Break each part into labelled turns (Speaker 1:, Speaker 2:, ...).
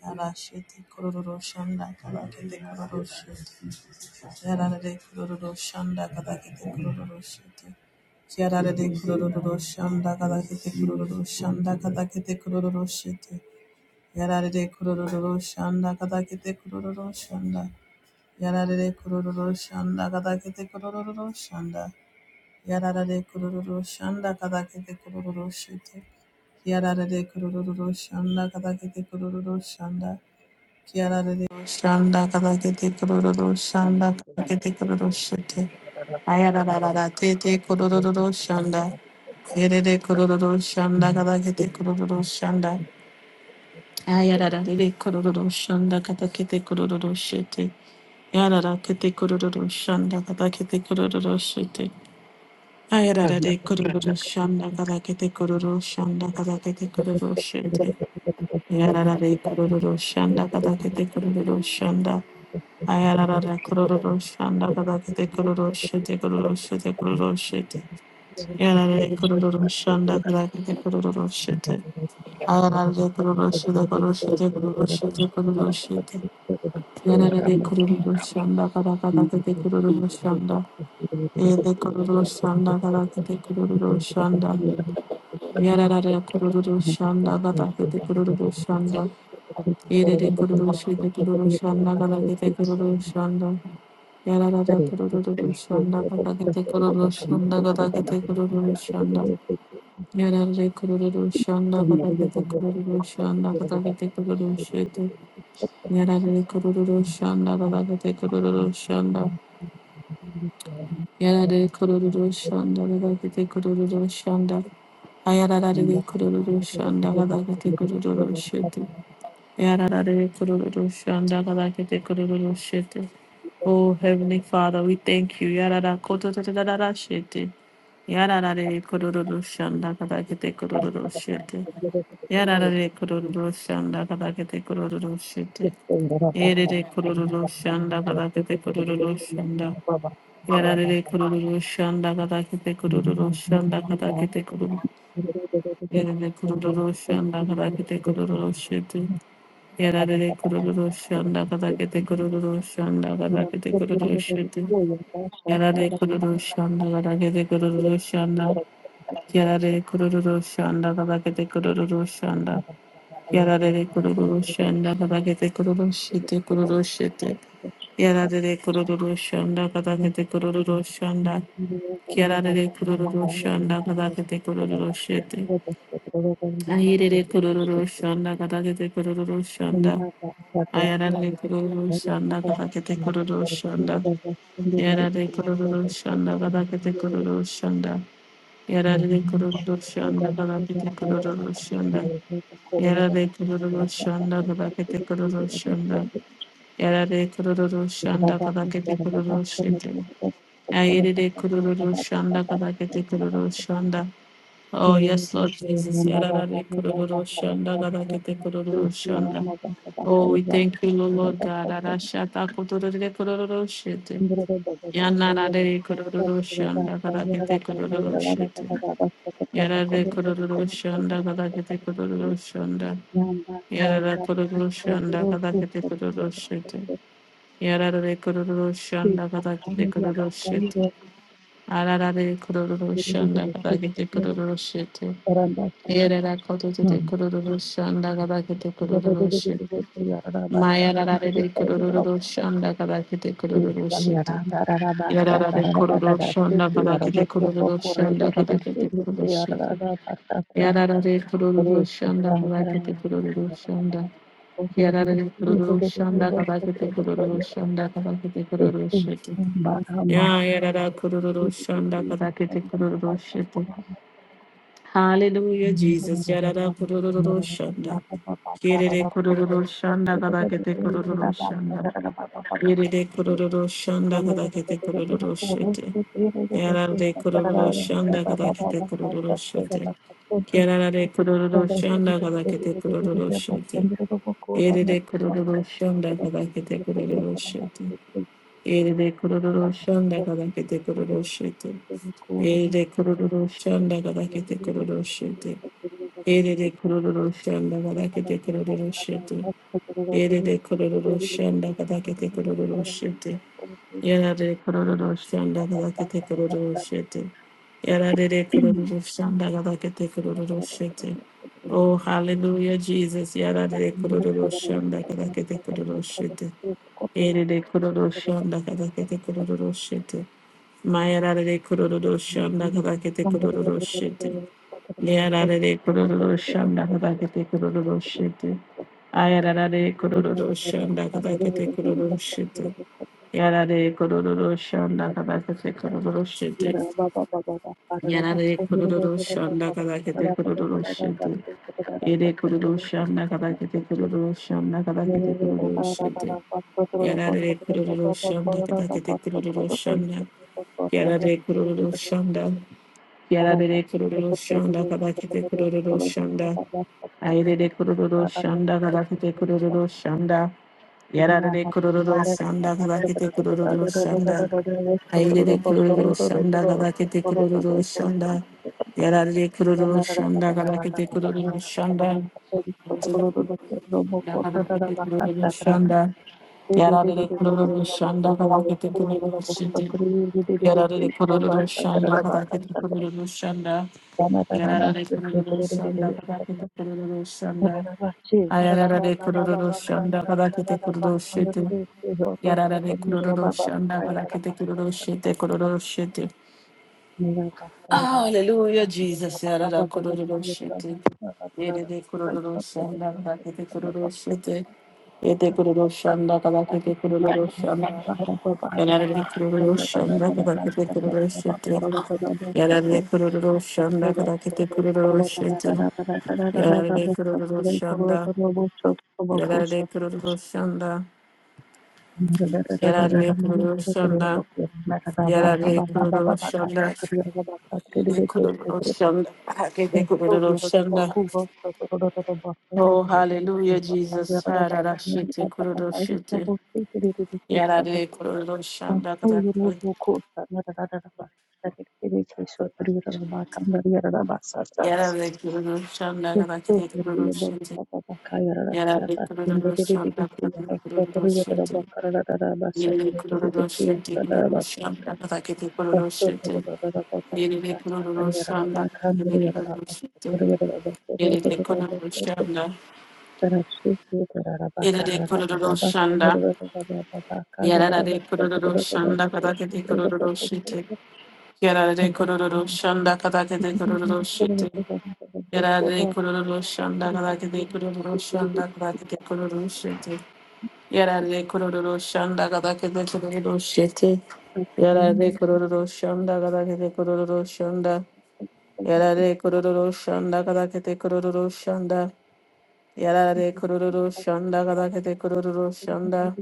Speaker 1: やられてクロロローションだ、やられてクロロローションだ、やられてクロロローションだ、やられてクロロローションだ、やられてクロロローションだ、やられてクロロローションだ、やられてクロロローションだ、やられてクロロローションだ、やられてクロロローションだ、やられてクロロローションだ、やられてクロロローションだ。キアラレディオシャンダカダケテコロロロシャンダカダケテコロロシャテアヤララララテテコロロロロシャンダエレレコロロロシャンダカダケテコロロロシャンダアヤララレレコロロロシャンダカダケテコロロロシャテやららけてくるるるしゃんだかだけてくるるるしてあやららでくるるるしゃんだかだけてくるるしゃんだかだけてくるるしてやららでくるるるしゃんだかだけてくるるしゃんだ Ayarara kururu şanda kadar de kururu şete kururu şete kururu şete. Yarara kururu şanda kadar de kururu şete. Ayarara kururu şete kururu şete kururu şete kururu şete. Yarara kururu şanda kadar kadar de kururu şanda. Yede kururu şanda kadar de kururu şanda. Yarara kururu şanda kadar de kururu şanda. Yede kururu şete kururu şanda kadar de kururu şanda. Yararada kurulur şanda kadakete kurulur şanda kadakete kurulur şanda. Yararı kurulur şanda kadakete kurulur şanda kadakete kurulur şete. Yararı kurulur şanda kadakete kurulur şanda. Yararı kurulur şanda kadakete kurulur şanda. Ayararı kurulur şanda kadakete kurulur şete. Yararı kurulur şanda kadakete kurulur şete. Oh, Heavenly Father, we thank you. Yarara koto tata darara shete. Yarara re kororo shanda kadakete kororo shete. Yarara re kororo shanda kadakete kororo shete. Ere re kororo shanda kadakete kororo shanda. Yarara re kororo shanda kadakete kororo shanda kadakete kororo. Ere re kororo shanda kadakete kororo shete. Yarara re kororo shanda kadakete kororo shanda kadakete kororo shete. やられくるるしゃんだがだけてくるるしゃんだ。やられくるるしゃんだがだけてくるるしゃんだ。やられくるるしゃんだがだけてくるるしてくるるして。やられくるるしゃんだがだけてくるるしゃんだ。やられくるるしゃんだがだけてくるるして。あいれれくるるしゃんだがだけてくるるしゃんだ。あやられくるるしゃんだがだけてくるるしゃんだ。Yarare kororo şanda galakete kororo şanda. Yarare kororo şanda galakete kororo şanda. Yarare kororo şanda galakete kororo şanda. Yarare kororo şanda galakete kororo şete. Ayerere kororo şanda galakete kororo şanda. Oh yes Lord Jesus. Yarare kororo şanda galakete kororo şanda. Oh we thank you Lord God. Arashata kororo kororo şete. Yanana de Kororo Shanda Karakete Kororo Shitu. Yara de Kororo Shanda Karakete Kororo Shanda. Yara de Kororo Shanda Karakete Kororo Shitu. Yara de Kororo Shanda Karakete Kororo Shitu. Arara de Kororo Shanda Karakete Kororo Shitu. Yara de Kororo Shanda Karakete Kororo Shitu. Maya Rara de Kororo Shanda Karakete Kororo Shitu. Yarara de kororo şonda balakete kororo şonda balakete kororo şonda. Yarara de kororo şonda balakete kororo şonda. Yarara de kororo şonda balakete kororo şonda balakete kororo şonda. Ya yarara kororo şonda balakete kororo şonda. Hallelujah Jesus. Yarara kororo şonda. Yerere kororo şonda balakete kororo şonda. Yerere kororo şonda balakete kororo şonda. Yarare kururu şanda kada kete kururu şete. Yarare kururu şanda kada kete kururu şete. Yerere kururu şanda kada kete kururu şete. Yerere kururu şanda kada kete kururu şete. Yerere kururu şanda kada kete kururu şete. Yerere kururu şanda kada kete kururu şete. Yerere kururu şanda kada kete kururu şete. Yarare kororo shanda galakete kororo shete. Yarare kororo shanda galakete kororo shete. Oh, hallelujah, Jesus. Yarare kororo shanda galakete kororo shete. Erere kororo shanda galakete kororo shete. Mayarare kororo shanda galakete kororo shete. Yarare kororo shanda galakete kororo shete. Ayarare kororo shanda galakete kororo shete. Yarare kororo şanda kadar kete kororo şidi. Yarare kororo şanda kadar kete kororo şidi. Yere kororo şanda kadar kete kororo şanda kadar kete kororo şidi. Yarare kororo şanda kadar kete kororo şanda. Yarare kororo şanda. Yarare kororo şanda kadar kete kororo şanda. Aire de kururu şanda galakite kururu şanda. Yarare de kururu şanda galakite kururu şanda. Aire de kururu şanda galakite kururu şanda. Yarare de kururu şanda galakite kururu şanda. Galakite kururu şanda. Yarare de kururu şanda galakite kururu şanda. Yararlı kurulur şanda kadar kötü kurulur şanda. Yararlı kurulur şanda kadar kötü kurulur şanda. Ayararlı kurulur şanda kadar kötü kurulur şanda. Yararlı kurulur şanda kadar kötü kurulur şanda kurulur şanda. Hallelujah, Jesus. Yarara kororo shete. Yerede kororo shanda kalakete kororo shete. Yede kororo shanda kalakete kororo shanda. Yararlı kororo shanda kalakete kororo shete. Yararlı kororo shanda kalakete kororo shete. Yararlı kororo shanda. Yararlı kororo shanda. Yararlı kororo shanda. Yararlı kororo shanda. Yararlı kororo shanda. Kalakete kororo shanda. Oh, hallelujah, Jesus. Hararashite kurudoshite. Yarare kurudoshanda katakare. Yarare kurudoshanda katakare kurudoshite. Yarare kurudoshanda katakare kurudoshite. Yarare kurudoshite kurudoshanda katakare kurudoshite. Yarare kurudoshanda katakare kurudoshite. Yarare kurudoshanda. Yarare kurudoshanda. Yarare kurudoshanda katakare kurudoshite. Yarare kororo şanda kadake de kororo şete. Yarare kororo şanda kadake de kororo şanda kadake de kororo şete. Yarare kororo şanda kadake de kororo şete. Yarare kororo şanda kadake de kororo şanda. Yarare kororo şanda kadake de kororo şanda. Yarare kororo şanda kadake de kororo şanda.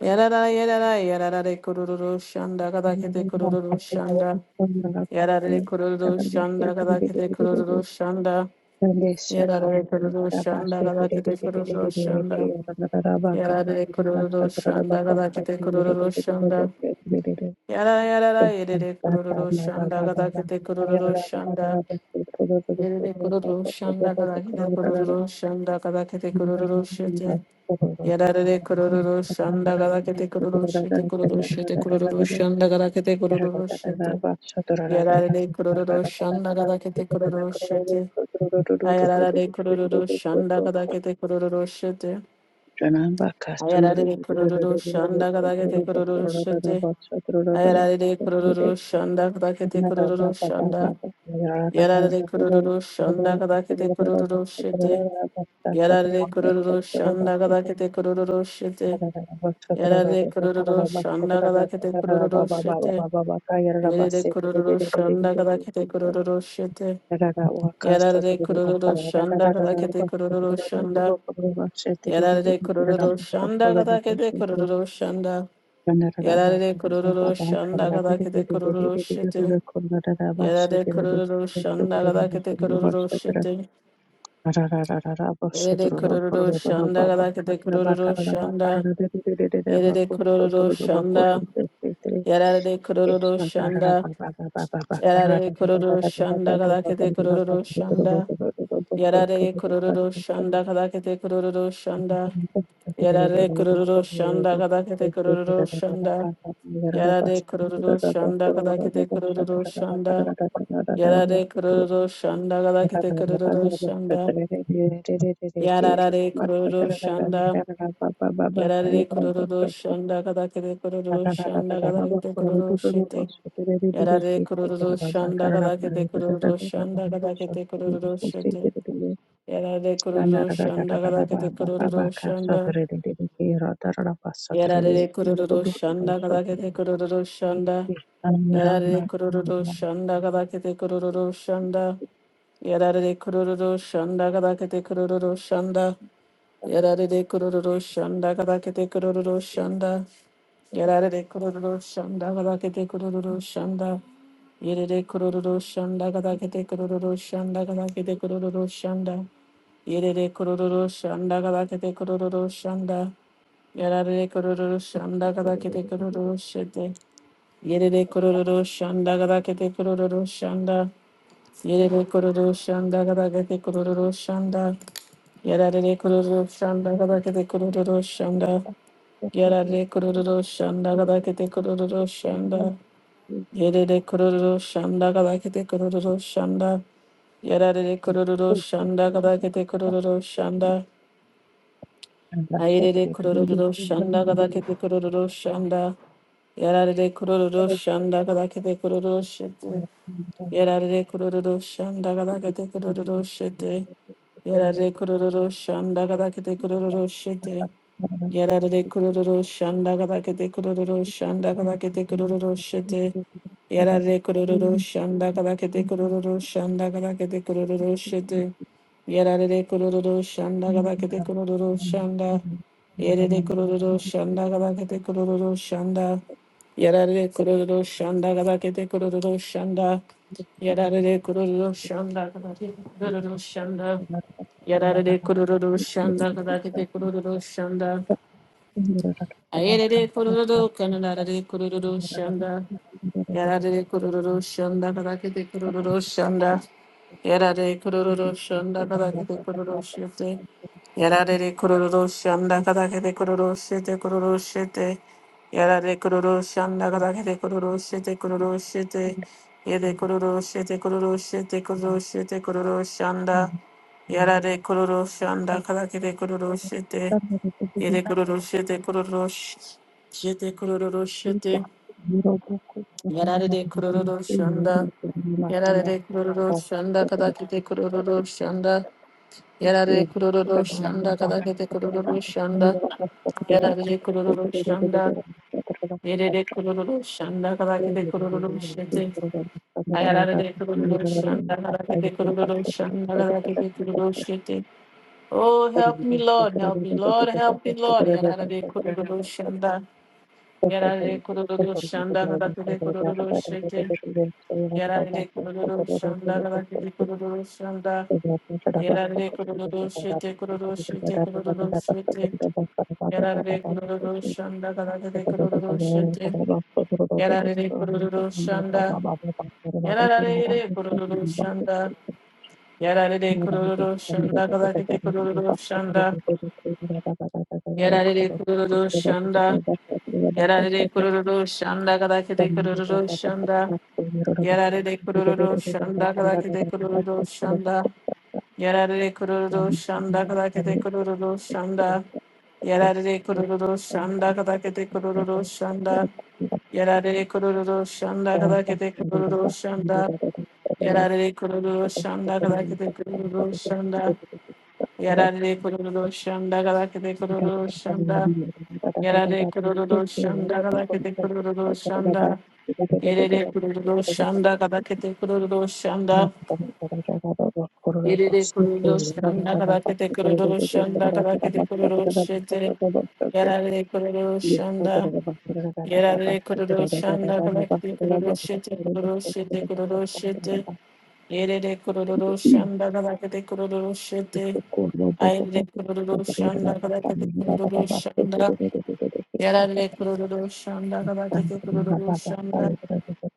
Speaker 1: Yarara yarara yarara de kororo şanda kadake de kororo şanda. Yarare kororo shanda kadakete kororo shanda. Yarare kororo shanda kadakete kororo shanda. Yarare kororo shanda kadakete kororo shanda. Yara yarara yerere kororo shanda kadakete kororo shanda. Yerere kororo shanda kadakete kororo shanda kadakete kororo shete. Yarare kororo shanda kadakete kororo shete kororo shete kororo shanda kadakete kororo shete. Yarare kururu şanda kada kete kururu şete. Ayarare kururu şanda kada kete kururu şete. Ayarare kururu şanda kada kete kururu şete. Ayarare kururu şanda kada kete kururu şanda. Yarare kururu şanda kada kete kururu şete. Yarare kururu şanda kada kete kururu şete. Yarare kururu şanda kada kete kururu şete. Yarare kururu şanda kada kete kururu şete. Yarare kururu şanda kadakete kururu şanda. Yarare kururu şanda kadakete kururu şanda. Yarare kururu şanda kadakete kururu şete. Yarare kururu şanda kadakete kururu şete. Yarare kururu şanda kadakete kururu şanda. Yarare kururu şanda. Yarare kururu şanda. Yarare kururu şanda kadakete kururu şanda. Yarare kururu şanda kadakete kururu şanda. Yarare kururu şanda kadakete kururu şanda. Yarare kururu şanda kadakete kururu şanda. Yarare kururu şanda kadakete kururu şanda. Yarare kururu şanda. Yarare kururu şanda kadakete kururu şanda kadakete kururu şete. Yarare kururu şanda kadakete kururu şanda kadakete kururu şete. Yarare kururu şanda kadakete kururu şanda. Yarare kururu şanda kadakete kururu şanda. Yarare kururu şanda kadakete kururu şanda. Yarare kururu şanda kadakete kururu şanda. Yarare kururu şanda kadakete kururu şanda. Yarare kururu şanda kadakete kururu şanda. Yerere kururu şanda kadakete kururu şanda kadakete kururu şanda. Yerere kururu şanda kadakete kururu şanda. Yarare kororo shanda kada kete kororo shete. Yerere kororo shanda kada kete kororo shanda. Yerere kororo shanda kada kete kororo shanda. Yarare kororo shanda kada kete kororo shanda. Yarare kororo shanda kada kete kororo shanda. Yerere kororo shanda kada kete kororo shanda. Yarare kororo shanda kada kete kororo shanda. Ayerere kororo shanda kada kete kororo shanda. Yarare kururu şanda kadar kete kururu şete. Yarare kururu şanda kadar kete kururu şete. Yarare kururu şanda kadar kete kururu şete. Yararade kururu şanda kadakete kururu şanda kadakete kururu şete. Yararade kururu şanda kadakete kururu şanda kadakete kururu şete. Yararade kururu şanda kadakete kururu şanda. Yerede kururu şanda kadakete kururu şanda. Yararade kururu şanda kadakete kururu şanda. Yararade kururu şanda kadakete kururu şanda. Yararade kururu şanda kadakete kururu şanda. Ayerere kororo kanarare kororo shanda. やられコロロロションだからけてコロロロションだ。やられコロロロションだからけてコロロシェて。やられコロロロションだからけてコロロシェてコロロシェて。やられコロロションだからけてコロロシェてコロロシェて。やでコロロシェてコロロシェてコロロシェてコロロシャンダ。やられコロロションだからけてコロロシェて。やでコロロシェてコロロシェてコロロシェて。Yararede kururu şunda. Yararede kururu şunda kadar kete kururu şunda. Yararede kururu şunda kadar kete kururu şunda. Yararede kururu şunda. Yerede kururu şunda kadar kete kururu şete. Yararede kururu şunda kadar kete kururu şunda kadar kete kururu şete. Oh help me Lord, help me Lord, help me Lord. Yararede kururu şunda. Yararede kururu şunda kadar kete kururu şete. Yarare kururu şanda raketi kururu şanda yarare kururu şete kururu şete kururu şete yarare kururu şanda raketi kururu şete yarare kururu şanda yarare kururu şanda yarare kururu şanda raketi kururu şanda yarare kururu şanda yarare kururu şanda raketi kururu şanda yarare kururu şanda raketi kururu şanda Yarare kururu şanda kadakete kururu şanda. Yarare kururu şanda kadakete kururu şanda. Yarare kururu şanda kadakete kururu şanda. Yarare kururu şanda kadakete kururu şanda. Yarare kururu şanda kadakete kururu şanda. Yarare kururu şanda kadakete kururu şanda. Yerere kururu şanda kadakete kururu şanda. Yerere kuruluş, şanda kadakete kuruluş, şanda kadakete kuruluş, şete. Yerere kuruluş, şanda. Yerere kuruluş, şanda kadakete kuruluş, şete kuruluş, şete kuruluş, şete. Yerere kuruluş, şanda kadakete kuruluş, şete. Ayrere kuruluş, şanda kadakete kuruluş, şanda. Yerere kuruluş, şanda kadakete kuruluş, şanda.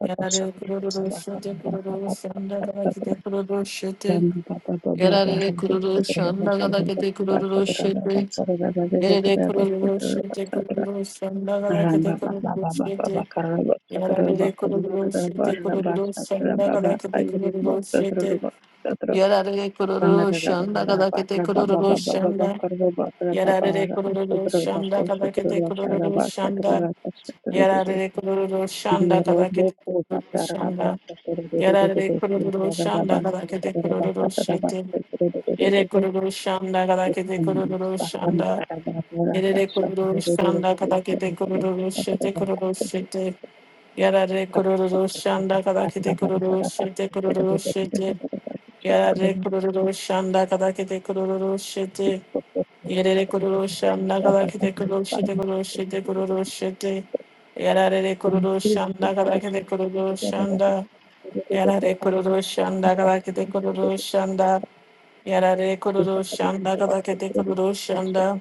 Speaker 1: Yerere kuruluş, şete kuruluş, şanda kadakete kuruluş, şete. Yarare kururu şandagala kete kururu şete. Yarare kururu şete kururu şandagala kete kururu şete. Yarare kururu şete kururu şandagala kete kururu şete. Yarare kururu şandagala kete kururu şanda. Yarare kururu şandagala kete kururu şanda. Yarare kururu şandagala kete kururu şanda. Yarare kururu şandagala kete kururu şete. Yere kururu şanda kadakete kururu şanda. Yere kururu şanda kadakete kururu şete kururu şete. Yarare kururu şanda kadakete kururu şete kururu şete. Yarare kururu şanda kadakete kururu şete. Yerere kuruluşan ne kadar ki de kuruluşu de kuruluşu de kuruluşu Yerere kuruluşan ne kadar ki de kuruluşan da. Yerere kuruluşan ne kadar ki de kuruluşan da. Yerere kuruluşan ne kadar ki de kuruluşan da.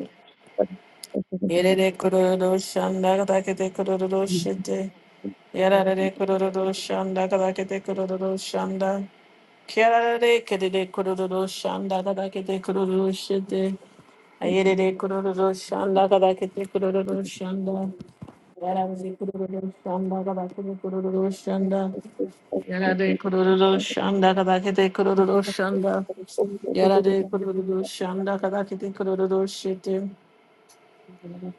Speaker 1: Yerere kororo şanda kadakete kororo şete. Yararare kororo şanda kadakete kororo şanda. Kiarare kedede kororo şanda kadakete kororo şete. Ayerere kororo şanda kadakete kororo şanda. Yararare kororo şanda kadakete kororo şanda. Yararare kororo şanda kadakete kororo şanda. Yararare kororo şanda kadakete kororo şete.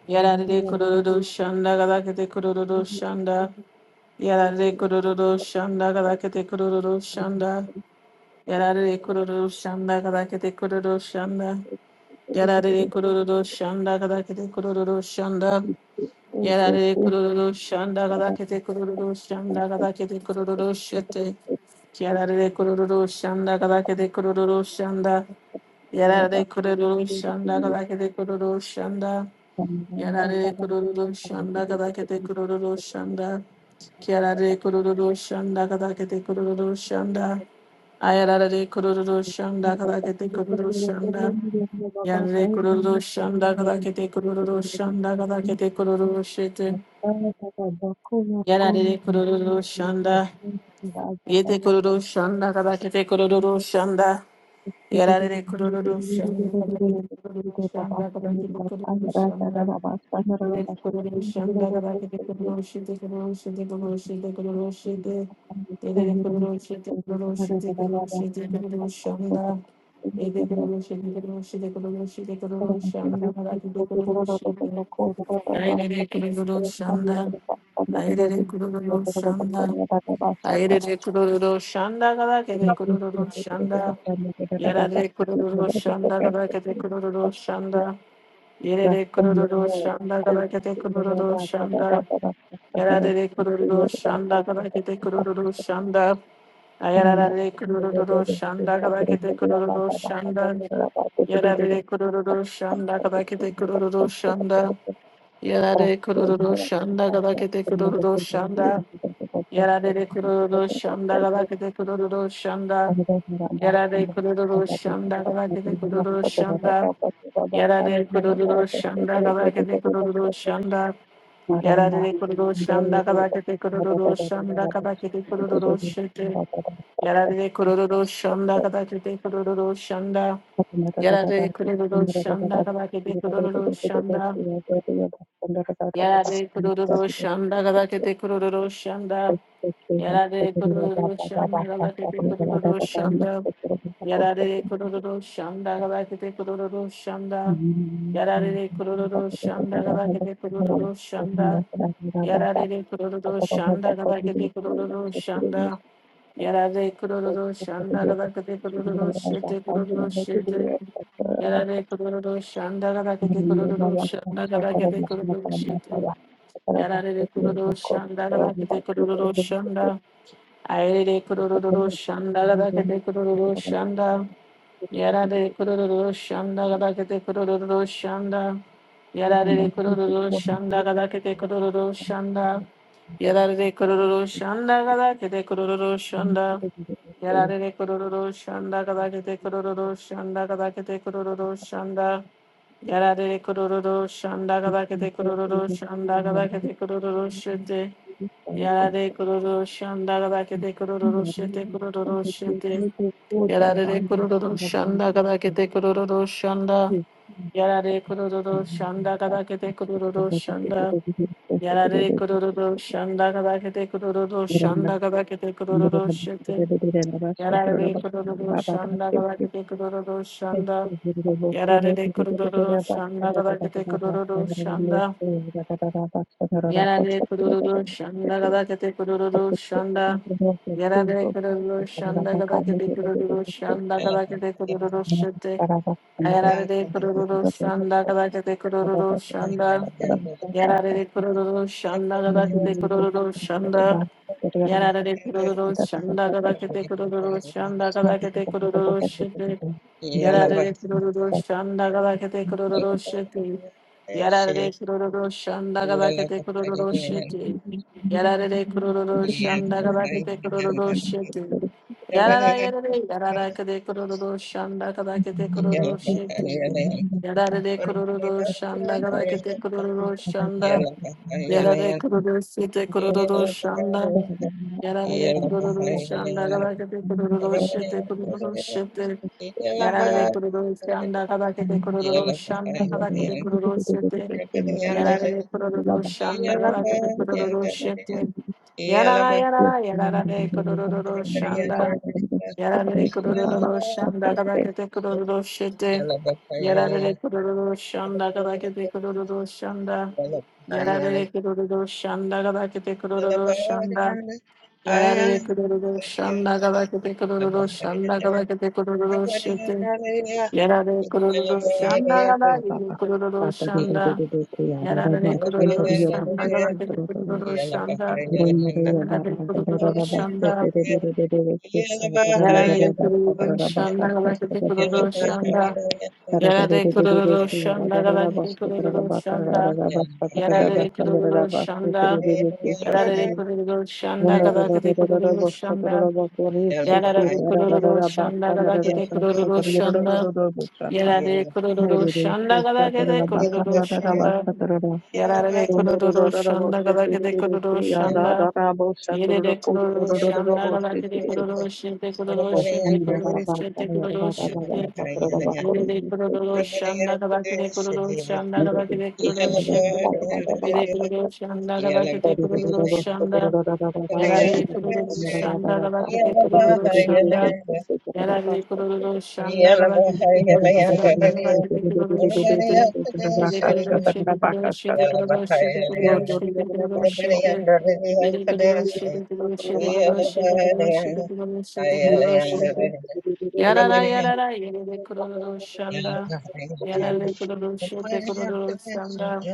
Speaker 1: Yarare kororo shanda galakete kororo shanda. Yarare kororo shanda galakete kororo shanda. Yarare kororo shanda galakete kororo shanda. Yarare kororo shanda galakete kororo shanda. Yarare kororo shanda galakete kororo shanda galakete kororo shete. Yarare kororo shanda galakete kororo shanda. Yarare kororo shanda galakete kororo shanda. Yarare kururu şanda kadakete kururu şanda. Kiarare kururu şanda kadakete kururu şanda. Ayarare kururu şanda kadakete kururu şanda. Yarare kururu şanda kadakete kururu şanda kadakete kururu şete. Yarare kururu şanda. Yete kururu şanda kadakete kururu şanda. Yarare kururu şanda kadakete kururu şanda kadakete kururu şanda. Yarare kururu şanda kadar kete kururu şanda. Yerere kururu şanda kadakete kururu şanda. Yararere kururu şanda kadakete kururu şanda. Ayararare kururu şanda kadakete kururu şanda. Yararere kururu şanda kadakete kururu şanda. Yarare kururu şanda kadakete kururu şanda. Yararere kururu şanda kadakete kururu şanda. Yarare kururu şanda kadakete kururu şanda. Yarare kururu şanda kadakete kururu şanda. Yararlı kururu şanda kabakete kururu şanda kabakete kururu şete. Yararlı kururu şanda kabakete kururu şanda. Yararlı kururu şanda kabakete kururu şanda. Yararlı kururu şanda kabakete kururu şanda. Yararlı kururu şanda kabakete kururu şanda. Yararlı kururu şanda kabakete kururu şanda. Yararlı kururu şanda kabakete kururu şanda. Yarare kururu şanda kadar kete kururu şanda. Yarare kururu şanda kadar kete kururu şete kururu şete. Yarare kururu şanda kadar kete kururu şanda kadar kete kururu şete. Yarare kururu şanda kadar kete kururu şanda. Ayrere kururu şanda kadar kete kururu şanda. Yarare kururu şanda kadar kete kururu şanda. Yarare kururu şanda kadar kete kururu şanda. Yarare kororo şanda kadar kete kororo şanda. Yarare kororo şanda kadar kete kororo şanda kadar kete kororo şanda. Yarare kororo şanda kadar kete kororo şanda kadar kete kororo şete. Yarare kororo şanda kadar kete kororo şete kororo şete. Yarare kororo şanda kadar kete kororo şanda. Yarare kororo şanda kadar kete kororo şanda. Yarare kororo shanda kadakete kororo shanda kadakete kororo shete. Yarare kororo shanda kadakete kororo shanda. Yarare kororo shanda kadakete kororo shanda. Yarare kororo shanda kadakete kororo shanda. Yarare kororo
Speaker 2: Yeah,
Speaker 1: shanda kadakete kororo shanda kadakete kororo shete. Yarare kororo shanda kadakete kororo shanda. Yarare kororo shanda kadakete kororo shanda. Yararare kururu şanda kada kete kururu şanda kada kete kururu şete. Yararare kururu şanda kada kete kururu şete. Yararare kururu şanda kada kete kururu şete. Yararare kururu şanda kada kete kururu şete. Yarara yarare yarara kete kururu şanda kada kete kururu şete. Yararare kururu şanda kada kete kururu şanda. Yararare kururu şete kururu şanda. Yararare kururu şanda kadakete kururu
Speaker 2: Yeah.
Speaker 1: şete kururu şete. Yararare kururu şanda kadakete kururu şanda kadakete kururu şete. Yararare kururu şanda kadakete kururu şete. Yarara yarara yararare kururu şanda. Yararare kururu şanda kadakete kururu şete. Yararare kururu şanda kadakete kururu şanda. Yararare kururu şanda kadakete kururu şanda. Yarare kururu şanda galakete kururu şanda galakete kururu şete. Yarare kururu şanda gala yeri kururu şanda. Yarare kururu şanda galakete kururu şanda. Yarare kururu şanda. Yarare kururu şanda galakete kururu şanda. Yarare kururu şanda galakete kururu şanda. Yarare kururu şanda. Yarare kururu şanda galakete kururu şanda. Yarara de kururu şanda gada kete kururu şanda. Yarara de kururu şanda gada kete kururu şanda. Yarara de kururu şanda gada kete kururu şanda. Yere de kururu şanda gada kete kururu şete kururu şete kururu şete kururu şete. Yere de kururu şanda gada kete kururu
Speaker 2: Yeah,
Speaker 1: şanda gada kete kururu şete. Yere
Speaker 2: Yeah.
Speaker 1: kururu şanda gada kete kururu şanda. Yarara de kururu şanda gada kete kururu şanda. Yararlı kurulu şandara vakti kurulu şandara vakti kurulu şete. Yede kurulu şete kurulu şete kurulu şete kurulu şete kurulu şete. Yede kurulu şete kurulu şete kurulu şete kurulu şete kurulu şete kurulu şete. Yarara yarara yede kurulu şanda. Yararlı kurulu şete kurulu şanda.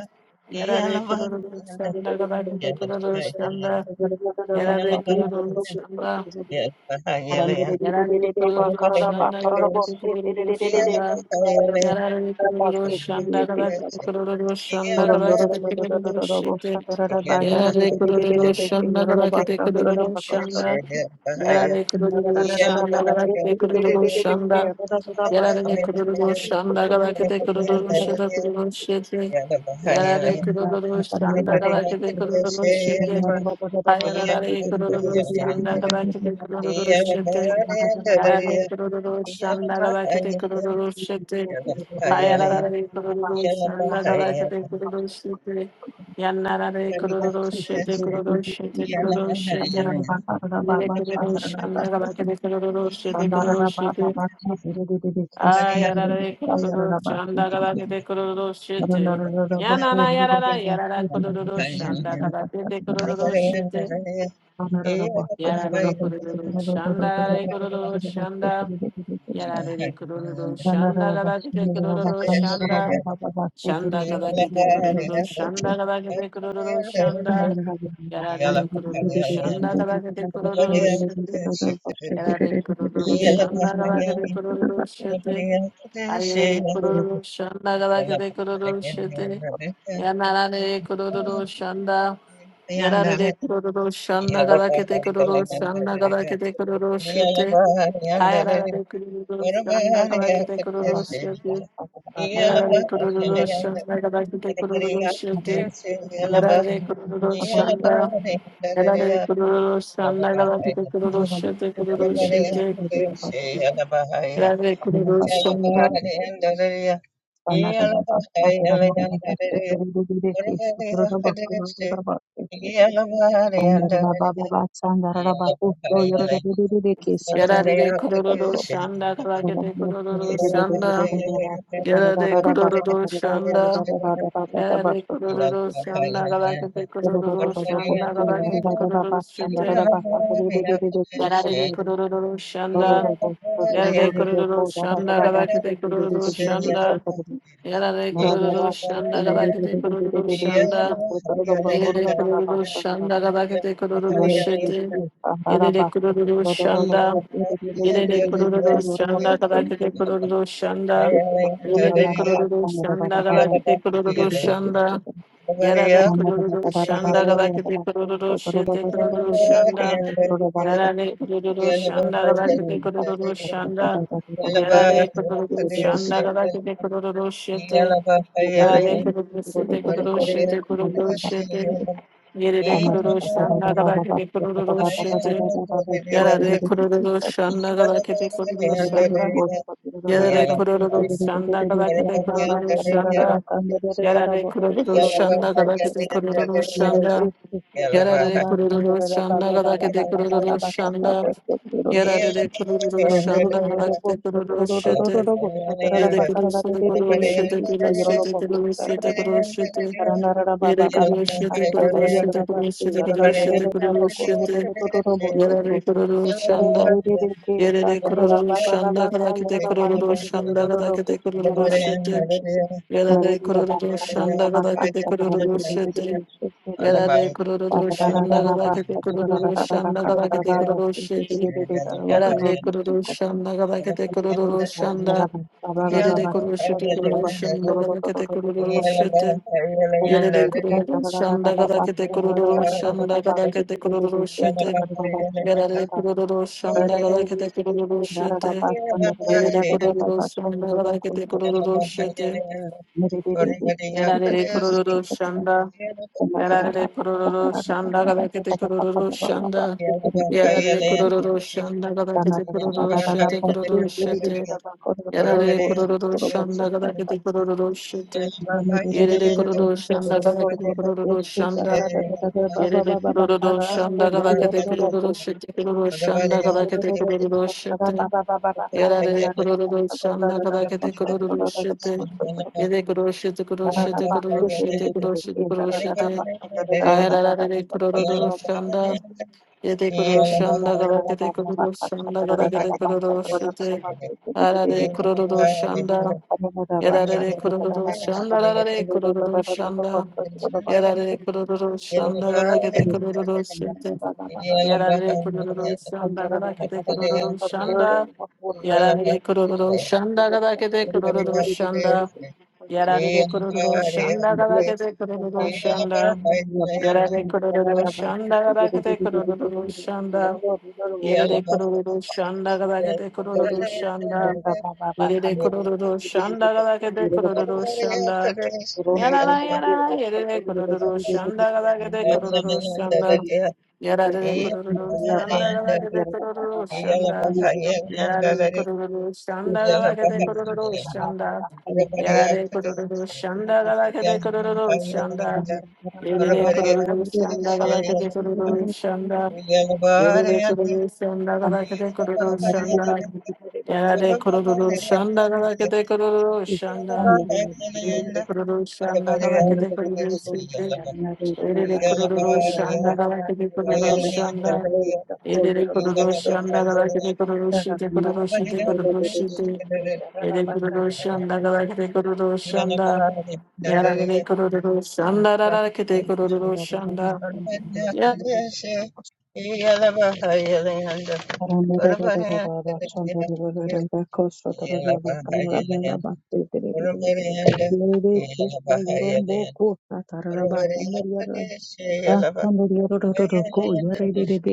Speaker 1: Yararlı kurulu şanda vakti kurulu şanda. Yararlı kurulu şanda.
Speaker 2: Yeah. Pahayalayan.
Speaker 1: Yararlı kurulu
Speaker 2: Panagadang
Speaker 1: şanda kadar
Speaker 2: matigas.
Speaker 1: kurulu
Speaker 2: Iyala pa
Speaker 1: şanda
Speaker 2: Pahayalayan.
Speaker 1: yararlı kurulu şanda kadar
Speaker 2: Matigas.
Speaker 1: kurulu şanda
Speaker 2: Iyala pa.
Speaker 1: kadar kurulu şete
Speaker 2: Iyala pa
Speaker 1: yararlı kurulu
Speaker 2: Pahayalayan.
Speaker 1: şanda kadar
Speaker 2: Matigas.
Speaker 1: kurulu şanda yararlı kurulu
Speaker 2: Iyala pa
Speaker 1: şanda kadar kurulu
Speaker 2: Pahayalayan.
Speaker 1: şanda
Speaker 2: Iyala pa
Speaker 1: yararlı kurulu
Speaker 2: Pahayalayan.
Speaker 1: şanda kadar
Speaker 2: Iyala pa Pahayalayan. Iyala pa
Speaker 1: kurulu şete
Speaker 2: Pahayalayan.
Speaker 1: kurulu şete
Speaker 2: Iyala pa. Iyala pa
Speaker 1: yararlı
Speaker 2: Pahayalayan.
Speaker 1: kurulu şanda kadar kurulu şete hayararlı kurulu şanda kadar kurulu
Speaker 2: Iyala
Speaker 1: şete Yararlı kurulur
Speaker 2: pa Pahayalayan.
Speaker 1: şanda kabakete kurulur şete.
Speaker 2: Iyala pa Pahayalayan.
Speaker 1: Hayarararı kurulur
Speaker 2: Yeah,
Speaker 1: şanda kabakete kurulur şete. Yanararı kurulur şete kurulur şete kurulur şete. Yine kurulur şanda kabakete kurulur şete kurulur şete. Ayarararı kurulur şanda kabakete kurulur şete. Yanana yarara yarara kurulur şanda kabakete kurulur şete. Yararlı kurulur şanda yararı kurulur şanda. Yarare kururu şanda kabakete kururu şanda. Şanda kabakete kururu şanda kabakete kururu şanda. Yarare kururu şanda kabakete kururu şete. Yarare kururu şanda kabakete kururu
Speaker 2: Yeah.
Speaker 1: şete. Ayere kururu şanda kabakete kururu şete. Yanarare kururu şanda. Yarare kururu şanda kabakete kururu şanda kabakete kururu şete. Ayarara kuruluş, yanına kadar kete kuruluş yapıyor. Yarara kuruluş, yanına kadar kete kuruluş yapıyor. Yarara kuruluş, yanına yarara kuruluş, yanına kadar kete kuruluş yapıyor, kuruluş yapıyor. Yarara kuruluş, yanına
Speaker 2: Yeah.
Speaker 1: yarara kuruluş, yanına kadar kete kuruluş, yanına yarara kuruluş, yanına yarara kuruluş, yanına kadar kete kuruluş, yanına kadar kete kuruluş yapıyor. Yarara kuruluş, yanına Yerde kururu şanda kabakete kururu şanda. Yerde kururu şanda kabakete kururu şanda. Yerde kururu şanda kabakete
Speaker 2: Yeah.
Speaker 1: kururu şete. Yerde kururu şanda. Yerde kururu şanda kabakete kururu şanda. Yerde kururu şanda kabakete kururu şanda. Yerde kururu şanda kabakete kururu şete kururu şanda. Yerde kururu şanda kabakete kururu şanda. Yarare kururu şanda gada kete kururu şete. Yarare kururu şete kururu şete kururu şete. Yerere kururu şanda gada kete kururu şete. Yarare kururu şanda gada kete kururu şanda. Yarare kururu şanda gada kete kururu şanda. Yarare kururu şanda gada kete kururu şanda. Yarare kururu şanda gada kete kururu şanda. Yarare kururu şanda gada kete kururu şete. Yere kuruluşu da kuruluşu da kuruluşu da kuruluşu da kuruluşu da Yere
Speaker 2: Yeah.
Speaker 1: kuruluşu da kuruluşu da kuruluşu da kuruluşu da kuruluşu da Yere kuruluşanda Yere de kuruluşanda kadaki de kuruluşanda kadaki de kuruluşu da Yere de
Speaker 2: Thank
Speaker 1: kuruluşanda
Speaker 2: you.
Speaker 1: kadaki de kuruluşu da Yere de kuruluşanda kadaki de kuruluşanda kadaki de kuruluşu da Yere de kuruluşanda kadaki de kuruluşanda Yerede kuruluşu kuruluşunda kadar kete kuruluşu yerede kuruluşunda kadar kete kuruluşunda kadar kete kuruluşu yerede kuruluşunda kadar kete kuruluşu yerede kuruluşunda kadar kete kuruluşu
Speaker 2: Everybody up
Speaker 1: yerede kuruluşunda yerede kuruluşunda kadar kete kuruluşunda yerede
Speaker 2: this.
Speaker 1: kuruluşunda kadar kete
Speaker 2: Yeah.
Speaker 1: kuruluşu kuruluşu yerede kuruluşunda kadar kete kuruluşu Yerere kururu şanda galakete kururu şanda. Yerere kururu şanda galakete kururu şete kururu şanda galakete kururu şete. Yerere kururu şanda galakete kururu şete. Yere kururu şete kururu şete kururu şete kururu şete kururu şete. Ayararare kururu şanda. Yere kururu şanda galakete kururu şanda galakete kururu şete. Arare kururu şanda. Yerere kururu şanda. Arare kururu şanda. Yarare kururu şanda gala kete kururu şente. Yarare kururu şanda gala kete kururu şanda. Yarare kururu şanda gala kete kururu şanda. Yarare kururu şanda gala kete kururu şanda. Yarare kururu şanda gala kete
Speaker 2: Yeah.
Speaker 1: kururu şanda. Yerere kururu şanda gala kete kururu şanda. Yerere kururu şanda gala kete kururu şanda. Yarara yarara yerere kururu şanda galagede kururu şanda yarare kururu şanda galagede kururu şanda yarare kururu şanda
Speaker 2: Yeah.
Speaker 1: galagede kururu şanda yarare kururu şanda galagede kururu şanda yerere kururu şanda galagede kururu şanda yerere kururu şanda galagede kururu şanda yarare kururu şanda galagede kururu şanda Yere
Speaker 2: Yeah.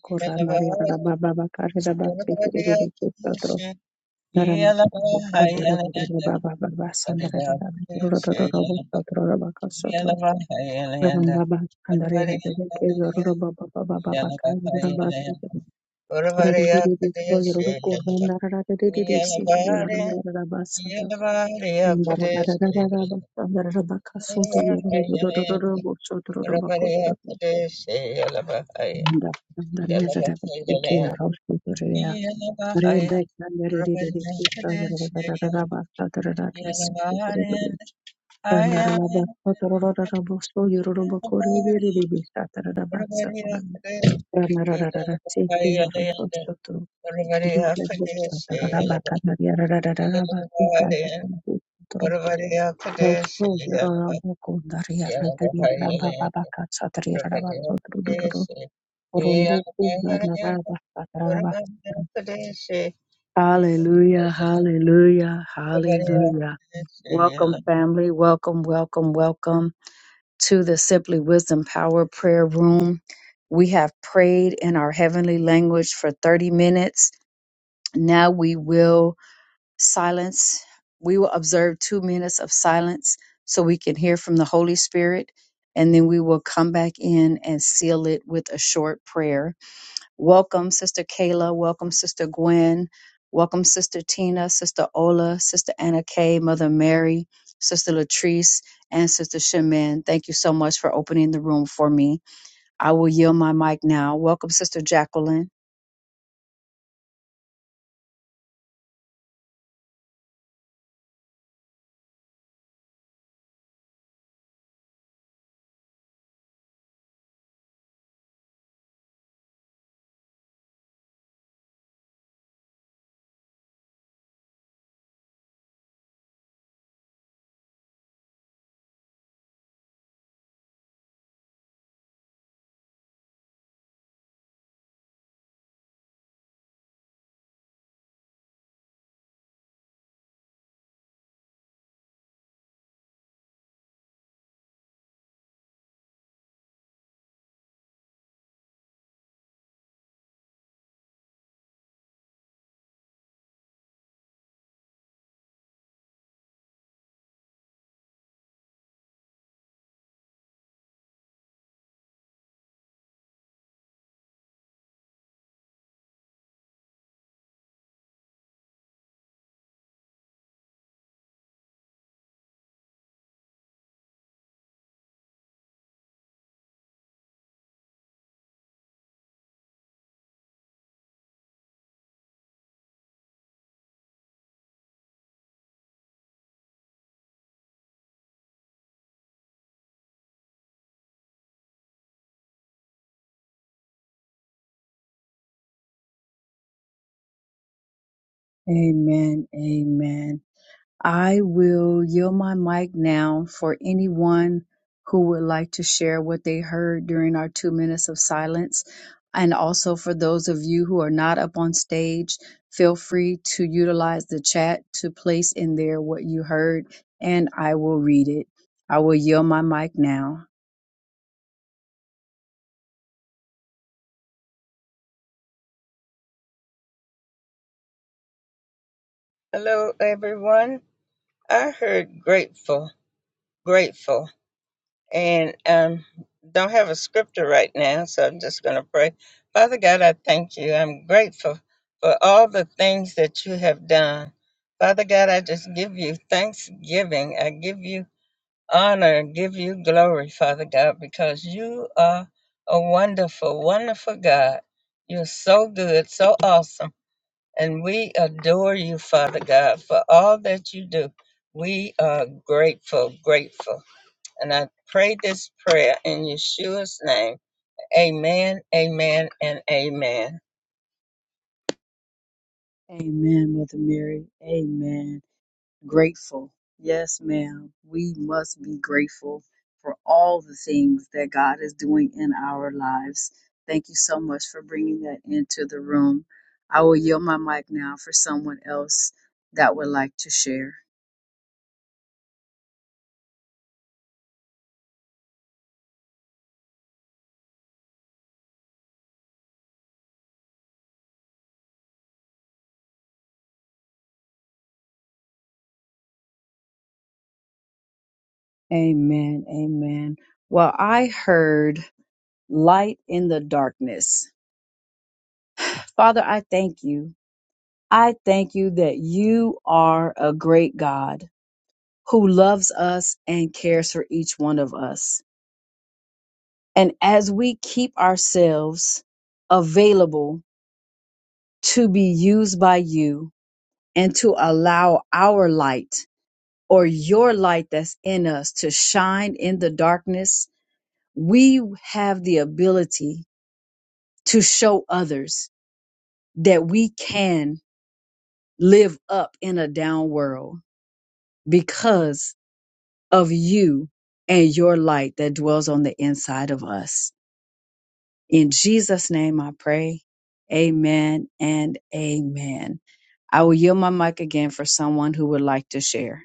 Speaker 2: Yalaba, Yeah. Everybody else in this area, like- Hello, everyone. I heard grateful, grateful, and um, don't have a scripture right now, so I'm just going to pray. Father God, I thank you. I'm grateful for all the things that you have done. Father God, I just give you thanksgiving. I give you honor, give you glory, Father God, because you are a wonderful, wonderful God. You're so good, so awesome. And we adore you, Father God, for all that you do. We are grateful, grateful. And I pray this prayer in Yeshua's name. Amen, amen, and amen.
Speaker 3: Grateful. Yes, ma'am. We must be grateful for all the things that God's doing in our lives. Thank you so much for bringing that into the room. I will yield my mic now for someone else that would like to share. Amen. Amen. Well, I heard light in the darkness. Father, I thank you. I thank you that you are a great God who loves us and cares for each one of us. And as we keep ourselves available to be used by you and to allow our light or your light that's in us to shine in the darkness, we have the ability to show others that we can live up in a down world because of you and your light that dwells on the inside of us. In Jesus' name I pray. Amen and amen. I will yield my mic again for someone who would like to share.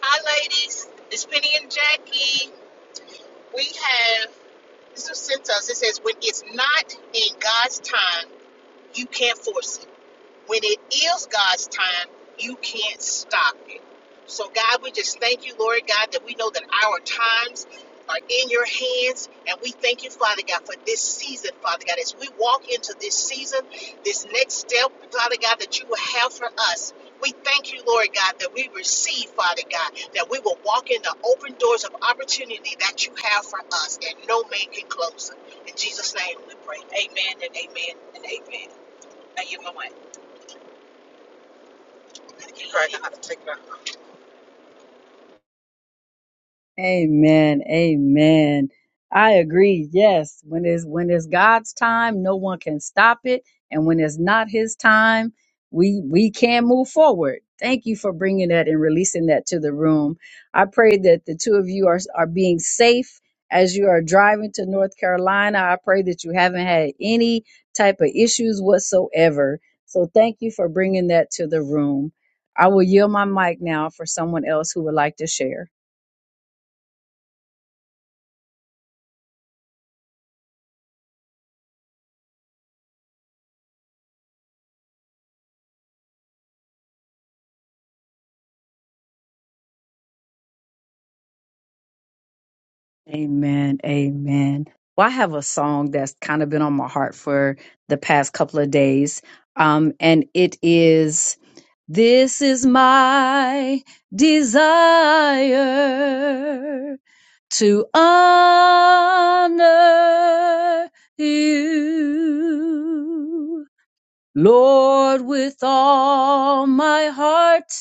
Speaker 4: Hi, ladies. It's Penny and Jackie. We have this was sent to us. It says, "When it's not in God's time, you can't force it." When it is God's time, you can't stop it. So, God, we just thank you, Lord God, that we know that our times are in your hands. And we thank you, Father God, for this season, Father God. As we walk into this season, this next step, Father God, that you will have for us. We thank you, Lord God, that we receive, Father God, that we will walk in the open doors of opportunity that you have for us, and no man can close it. In Jesus' name we pray. Amen and amen and amen. I Thank my Mama. You probably gonna have to take it out.
Speaker 3: Amen. Amen. I agree. Yes. When it's when it's God's time, no one can stop it. And when it's not his time, we we can move forward. Thank you for bringing that and releasing that to the room. I pray that the two of you are are being safe as you are driving to North Carolina. I pray that you haven't had any type of issues whatsoever. So thank you for bringing that to the room. I will yield my mic now for someone else who would like to share. Amen. Amen. Well, I have a song that's kind of been on my heart for the past couple of days. Um, and it is This is my desire to honor you, Lord, with all my heart.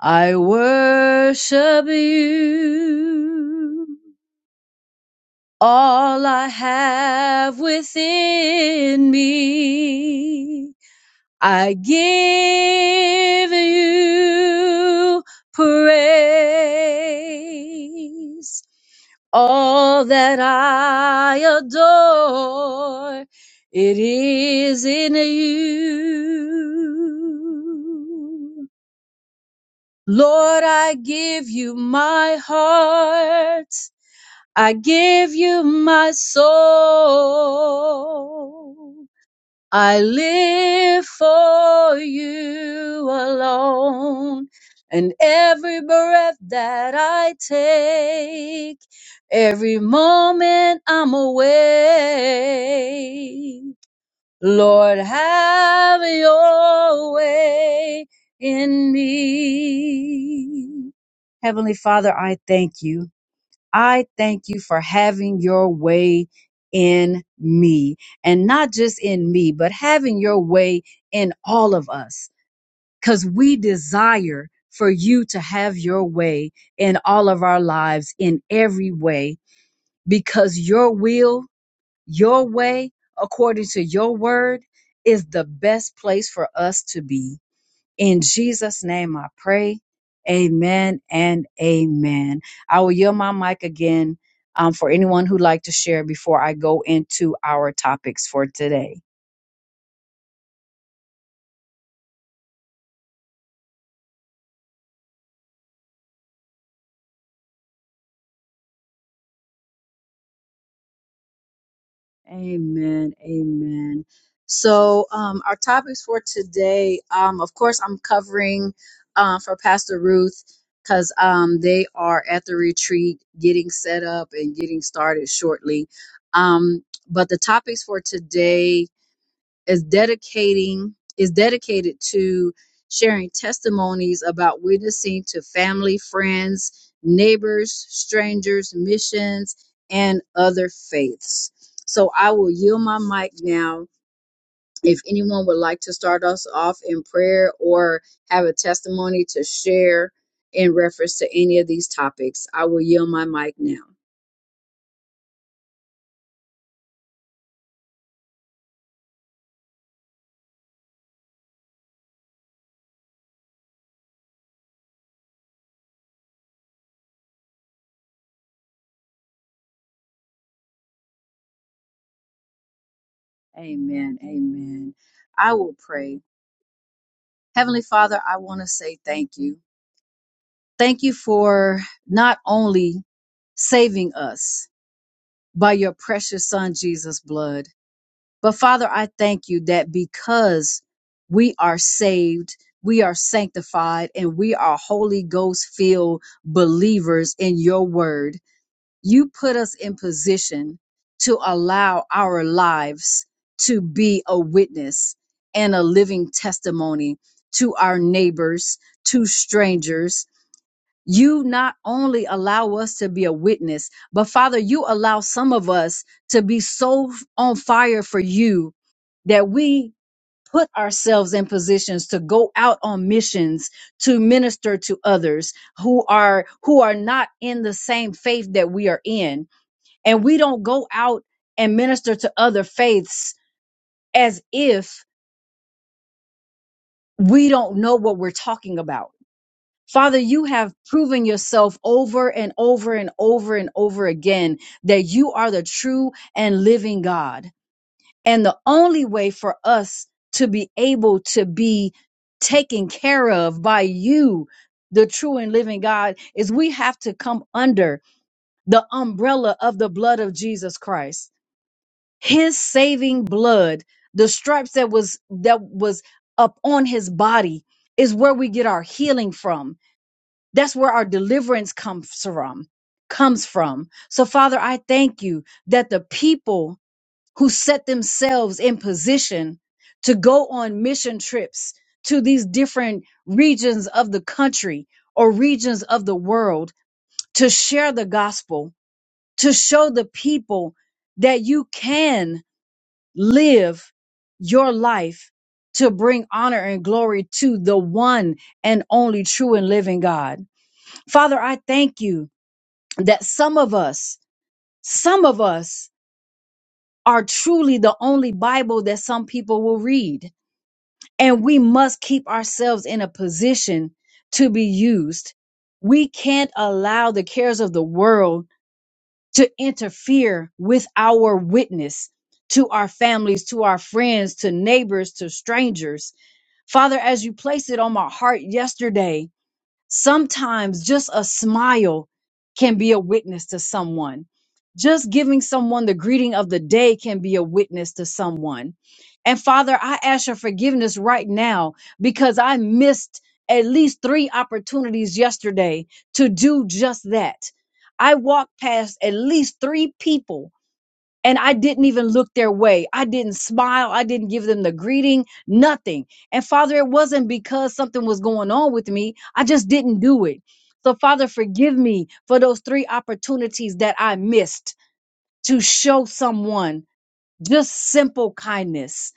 Speaker 3: I worship you all I have within me. I give you praise. All that I adore, it is in you. Lord, I give you my heart. I give you my soul. I live for you alone. And every breath that I take, every moment I'm awake, Lord, have your way in me. Heavenly Father, I thank you. I thank you for having your way in me and not just in me, but having your way in all of us because we desire for you to have your way in all of our lives in every way because your will, your way, according to your word, is the best place for us to be. In Jesus' name I pray. Amen and amen. I will yield my mic again um, for anyone who'd like to share before I go into our topics for today. Amen. Amen. So, um, our topics for today, um, of course, I'm covering uh, for Pastor Ruth because um, they are at the retreat getting set up and getting started shortly. Um, but the topics for today is dedicating is dedicated to sharing testimonies about witnessing to family, friends, neighbors, strangers, missions, and other faiths. So I will yield my mic now. If anyone would like to start us off in prayer or have a testimony to share in reference to any of these topics, I will yield my mic now. Amen. Amen. I will pray. Heavenly Father, I want to say thank you. Thank you for not only saving us by your precious son Jesus' blood, but Father, I thank you that because we are saved, we are sanctified, and we are Holy Ghost filled believers in your word, you put us in position to allow our lives to be a witness and a living testimony to our neighbors, to strangers, you not only allow us to be a witness, but Father, you allow some of us to be so on fire for you that we put ourselves in positions to go out on missions to minister to others who are who are not in the same faith that we are in and we don't go out and minister to other faiths as if we don't know what we're talking about Father, you have proven yourself over and over and over and over again that you are the true and living God. And the only way for us to be able to be taken care of by you, the true and living God, is we have to come under the umbrella of the blood of Jesus Christ. His saving blood, the stripes that was that was up on his body is where we get our healing from that's where our deliverance comes from, comes from. So Father, I thank you that the people who set themselves in position to go on mission trips to these different regions of the country or regions of the world to share the gospel, to show the people that you can live your life to bring honor and glory to the one and only true and living God. Father, I thank you that some of us, some of us are truly the only Bible that some people will read. And we must keep ourselves in a position to be used. We can't allow the cares of the world to interfere with our witness to our families, to our friends, to neighbors, to strangers. Father, as you placed it on my heart yesterday, Sometimes just a smile can be a witness to someone. Just giving someone the greeting of the day can be a witness to someone. And Father, I ask your forgiveness right now because I missed at least three opportunities yesterday to do just that. I walked past at least three people and I didn't even look their way. I didn't smile. I didn't give them the greeting, nothing. And Father, it wasn't because something was going on with me. I just didn't do it. So, Father, forgive me for those three opportunities that I missed to show someone just simple kindness.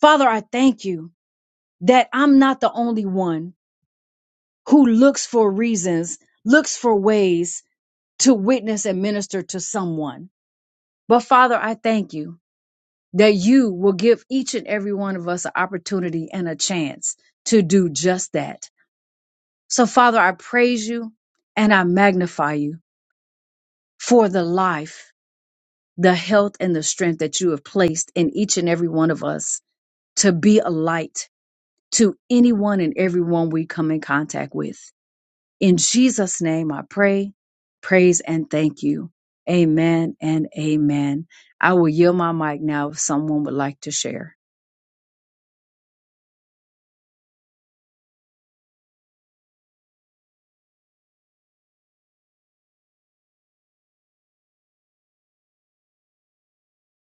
Speaker 3: Father, I thank you that I'm not the only one who looks for reasons, looks for ways to witness and minister to someone. But, Father, I thank you that you will give each and every one of us an opportunity and a chance to do just that. So, Father, I praise you and I magnify you for the life, the health, and the strength that you have placed in each and every one of us to be a light to anyone and everyone we come in contact with. In Jesus' name, I pray, praise, and thank you. Amen and amen. I will yield my mic now if someone would like to share.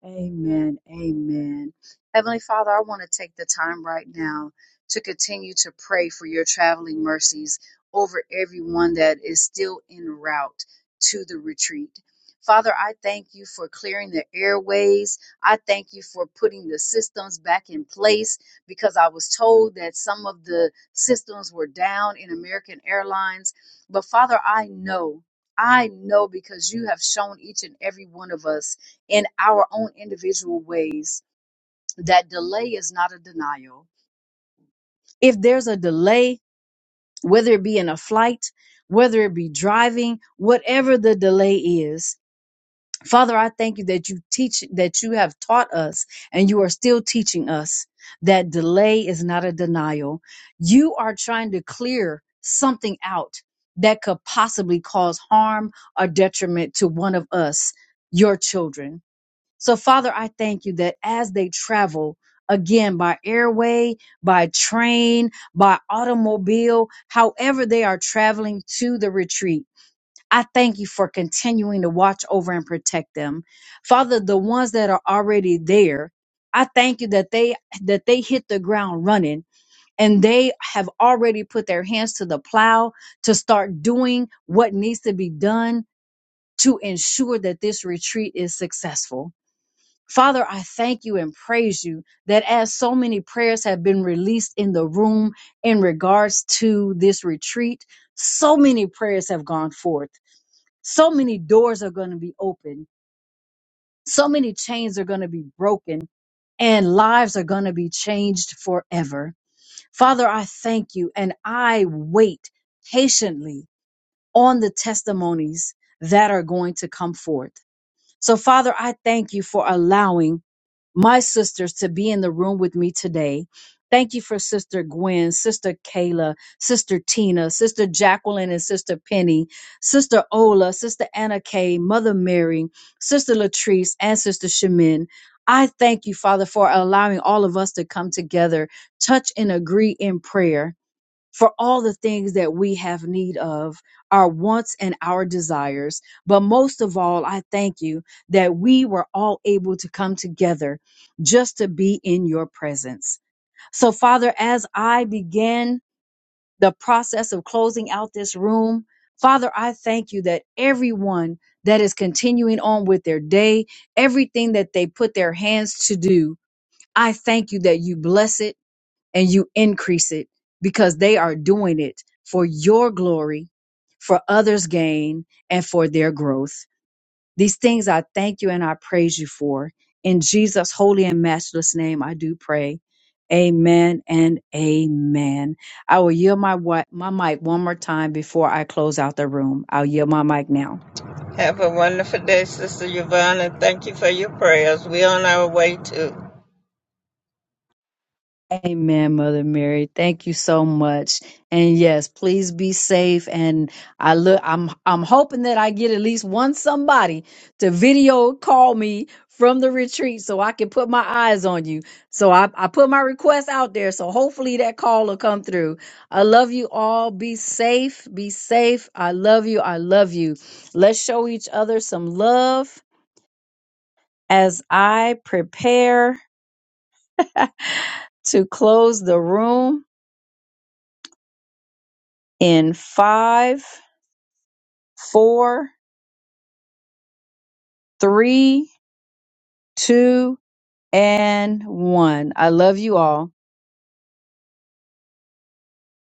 Speaker 3: Amen. Amen. Heavenly Father, I want to take the time right now to continue to pray for your traveling mercies over everyone that is still en route to the retreat. Father, I thank you for clearing the airways. I thank you for putting the systems back in place because I was told that some of the systems were down in American Airlines. But Father, I know, I know because you have shown each and every one of us in our own individual ways that delay is not a denial. If there's a delay, whether it be in a flight, whether it be driving, whatever the delay is, Father, I thank you that you teach, that you have taught us and you are still teaching us that delay is not a denial. You are trying to clear something out that could possibly cause harm or detriment to one of us, your children. So, Father, I thank you that as they travel, again, by airway, by train, by automobile, however they are traveling to the retreat, I thank you for continuing to watch over and protect them. Father, the ones that are already there, I thank you that they that they hit the ground running and they have already put their hands to the plow to start doing what needs to be done to ensure that this retreat is successful. Father, I thank you and praise you that as so many prayers have been released in the room in regards to this retreat, so many prayers have gone forth. So many doors are going to be opened. So many chains are going to be broken and lives are going to be changed forever. Father, I thank you and I wait patiently on the testimonies that are going to come forth. So, Father, I thank you for allowing my sisters to be in the room with me today. Thank you for Sister Gwen, Sister Kayla, Sister Tina, Sister Jacqueline, and Sister Penny, Sister Ola, Sister Anna Kay, Mother Mary, Sister Latrice, and Sister Shemin. I thank you, Father, for allowing all of us to come together, touch and agree in prayer for all the things that we have need of, our wants and our desires. But most of all, I thank you that we were all able to come together just to be in your presence. So, Father, as I began the process of closing out this room, Father, I thank you that everyone that is continuing on with their day, everything that they put their hands to do, I thank you that you bless it and you increase it because they are doing it for your glory, for others' gain, and for their growth. These things I thank you and I praise you for. In Jesus' holy and matchless name, I do pray. Amen and amen. I will yield my, wi- my mic one more time before I close out the room. I'll yield my mic now.
Speaker 2: Have a wonderful day, Sister Yvonne, and thank you for your prayers. We're on our way to.
Speaker 3: Amen, Mother Mary. Thank you so much. And yes, please be safe. And I look, I'm, I'm hoping that I get at least one somebody to video call me from the retreat so I can put my eyes on you. So I, I put my request out there. So hopefully that call will come through. I love you all. Be safe. Be safe. I love you. I love you. Let's show each other some love as I prepare to close the room. in five, four, three, two, and one. I love you all.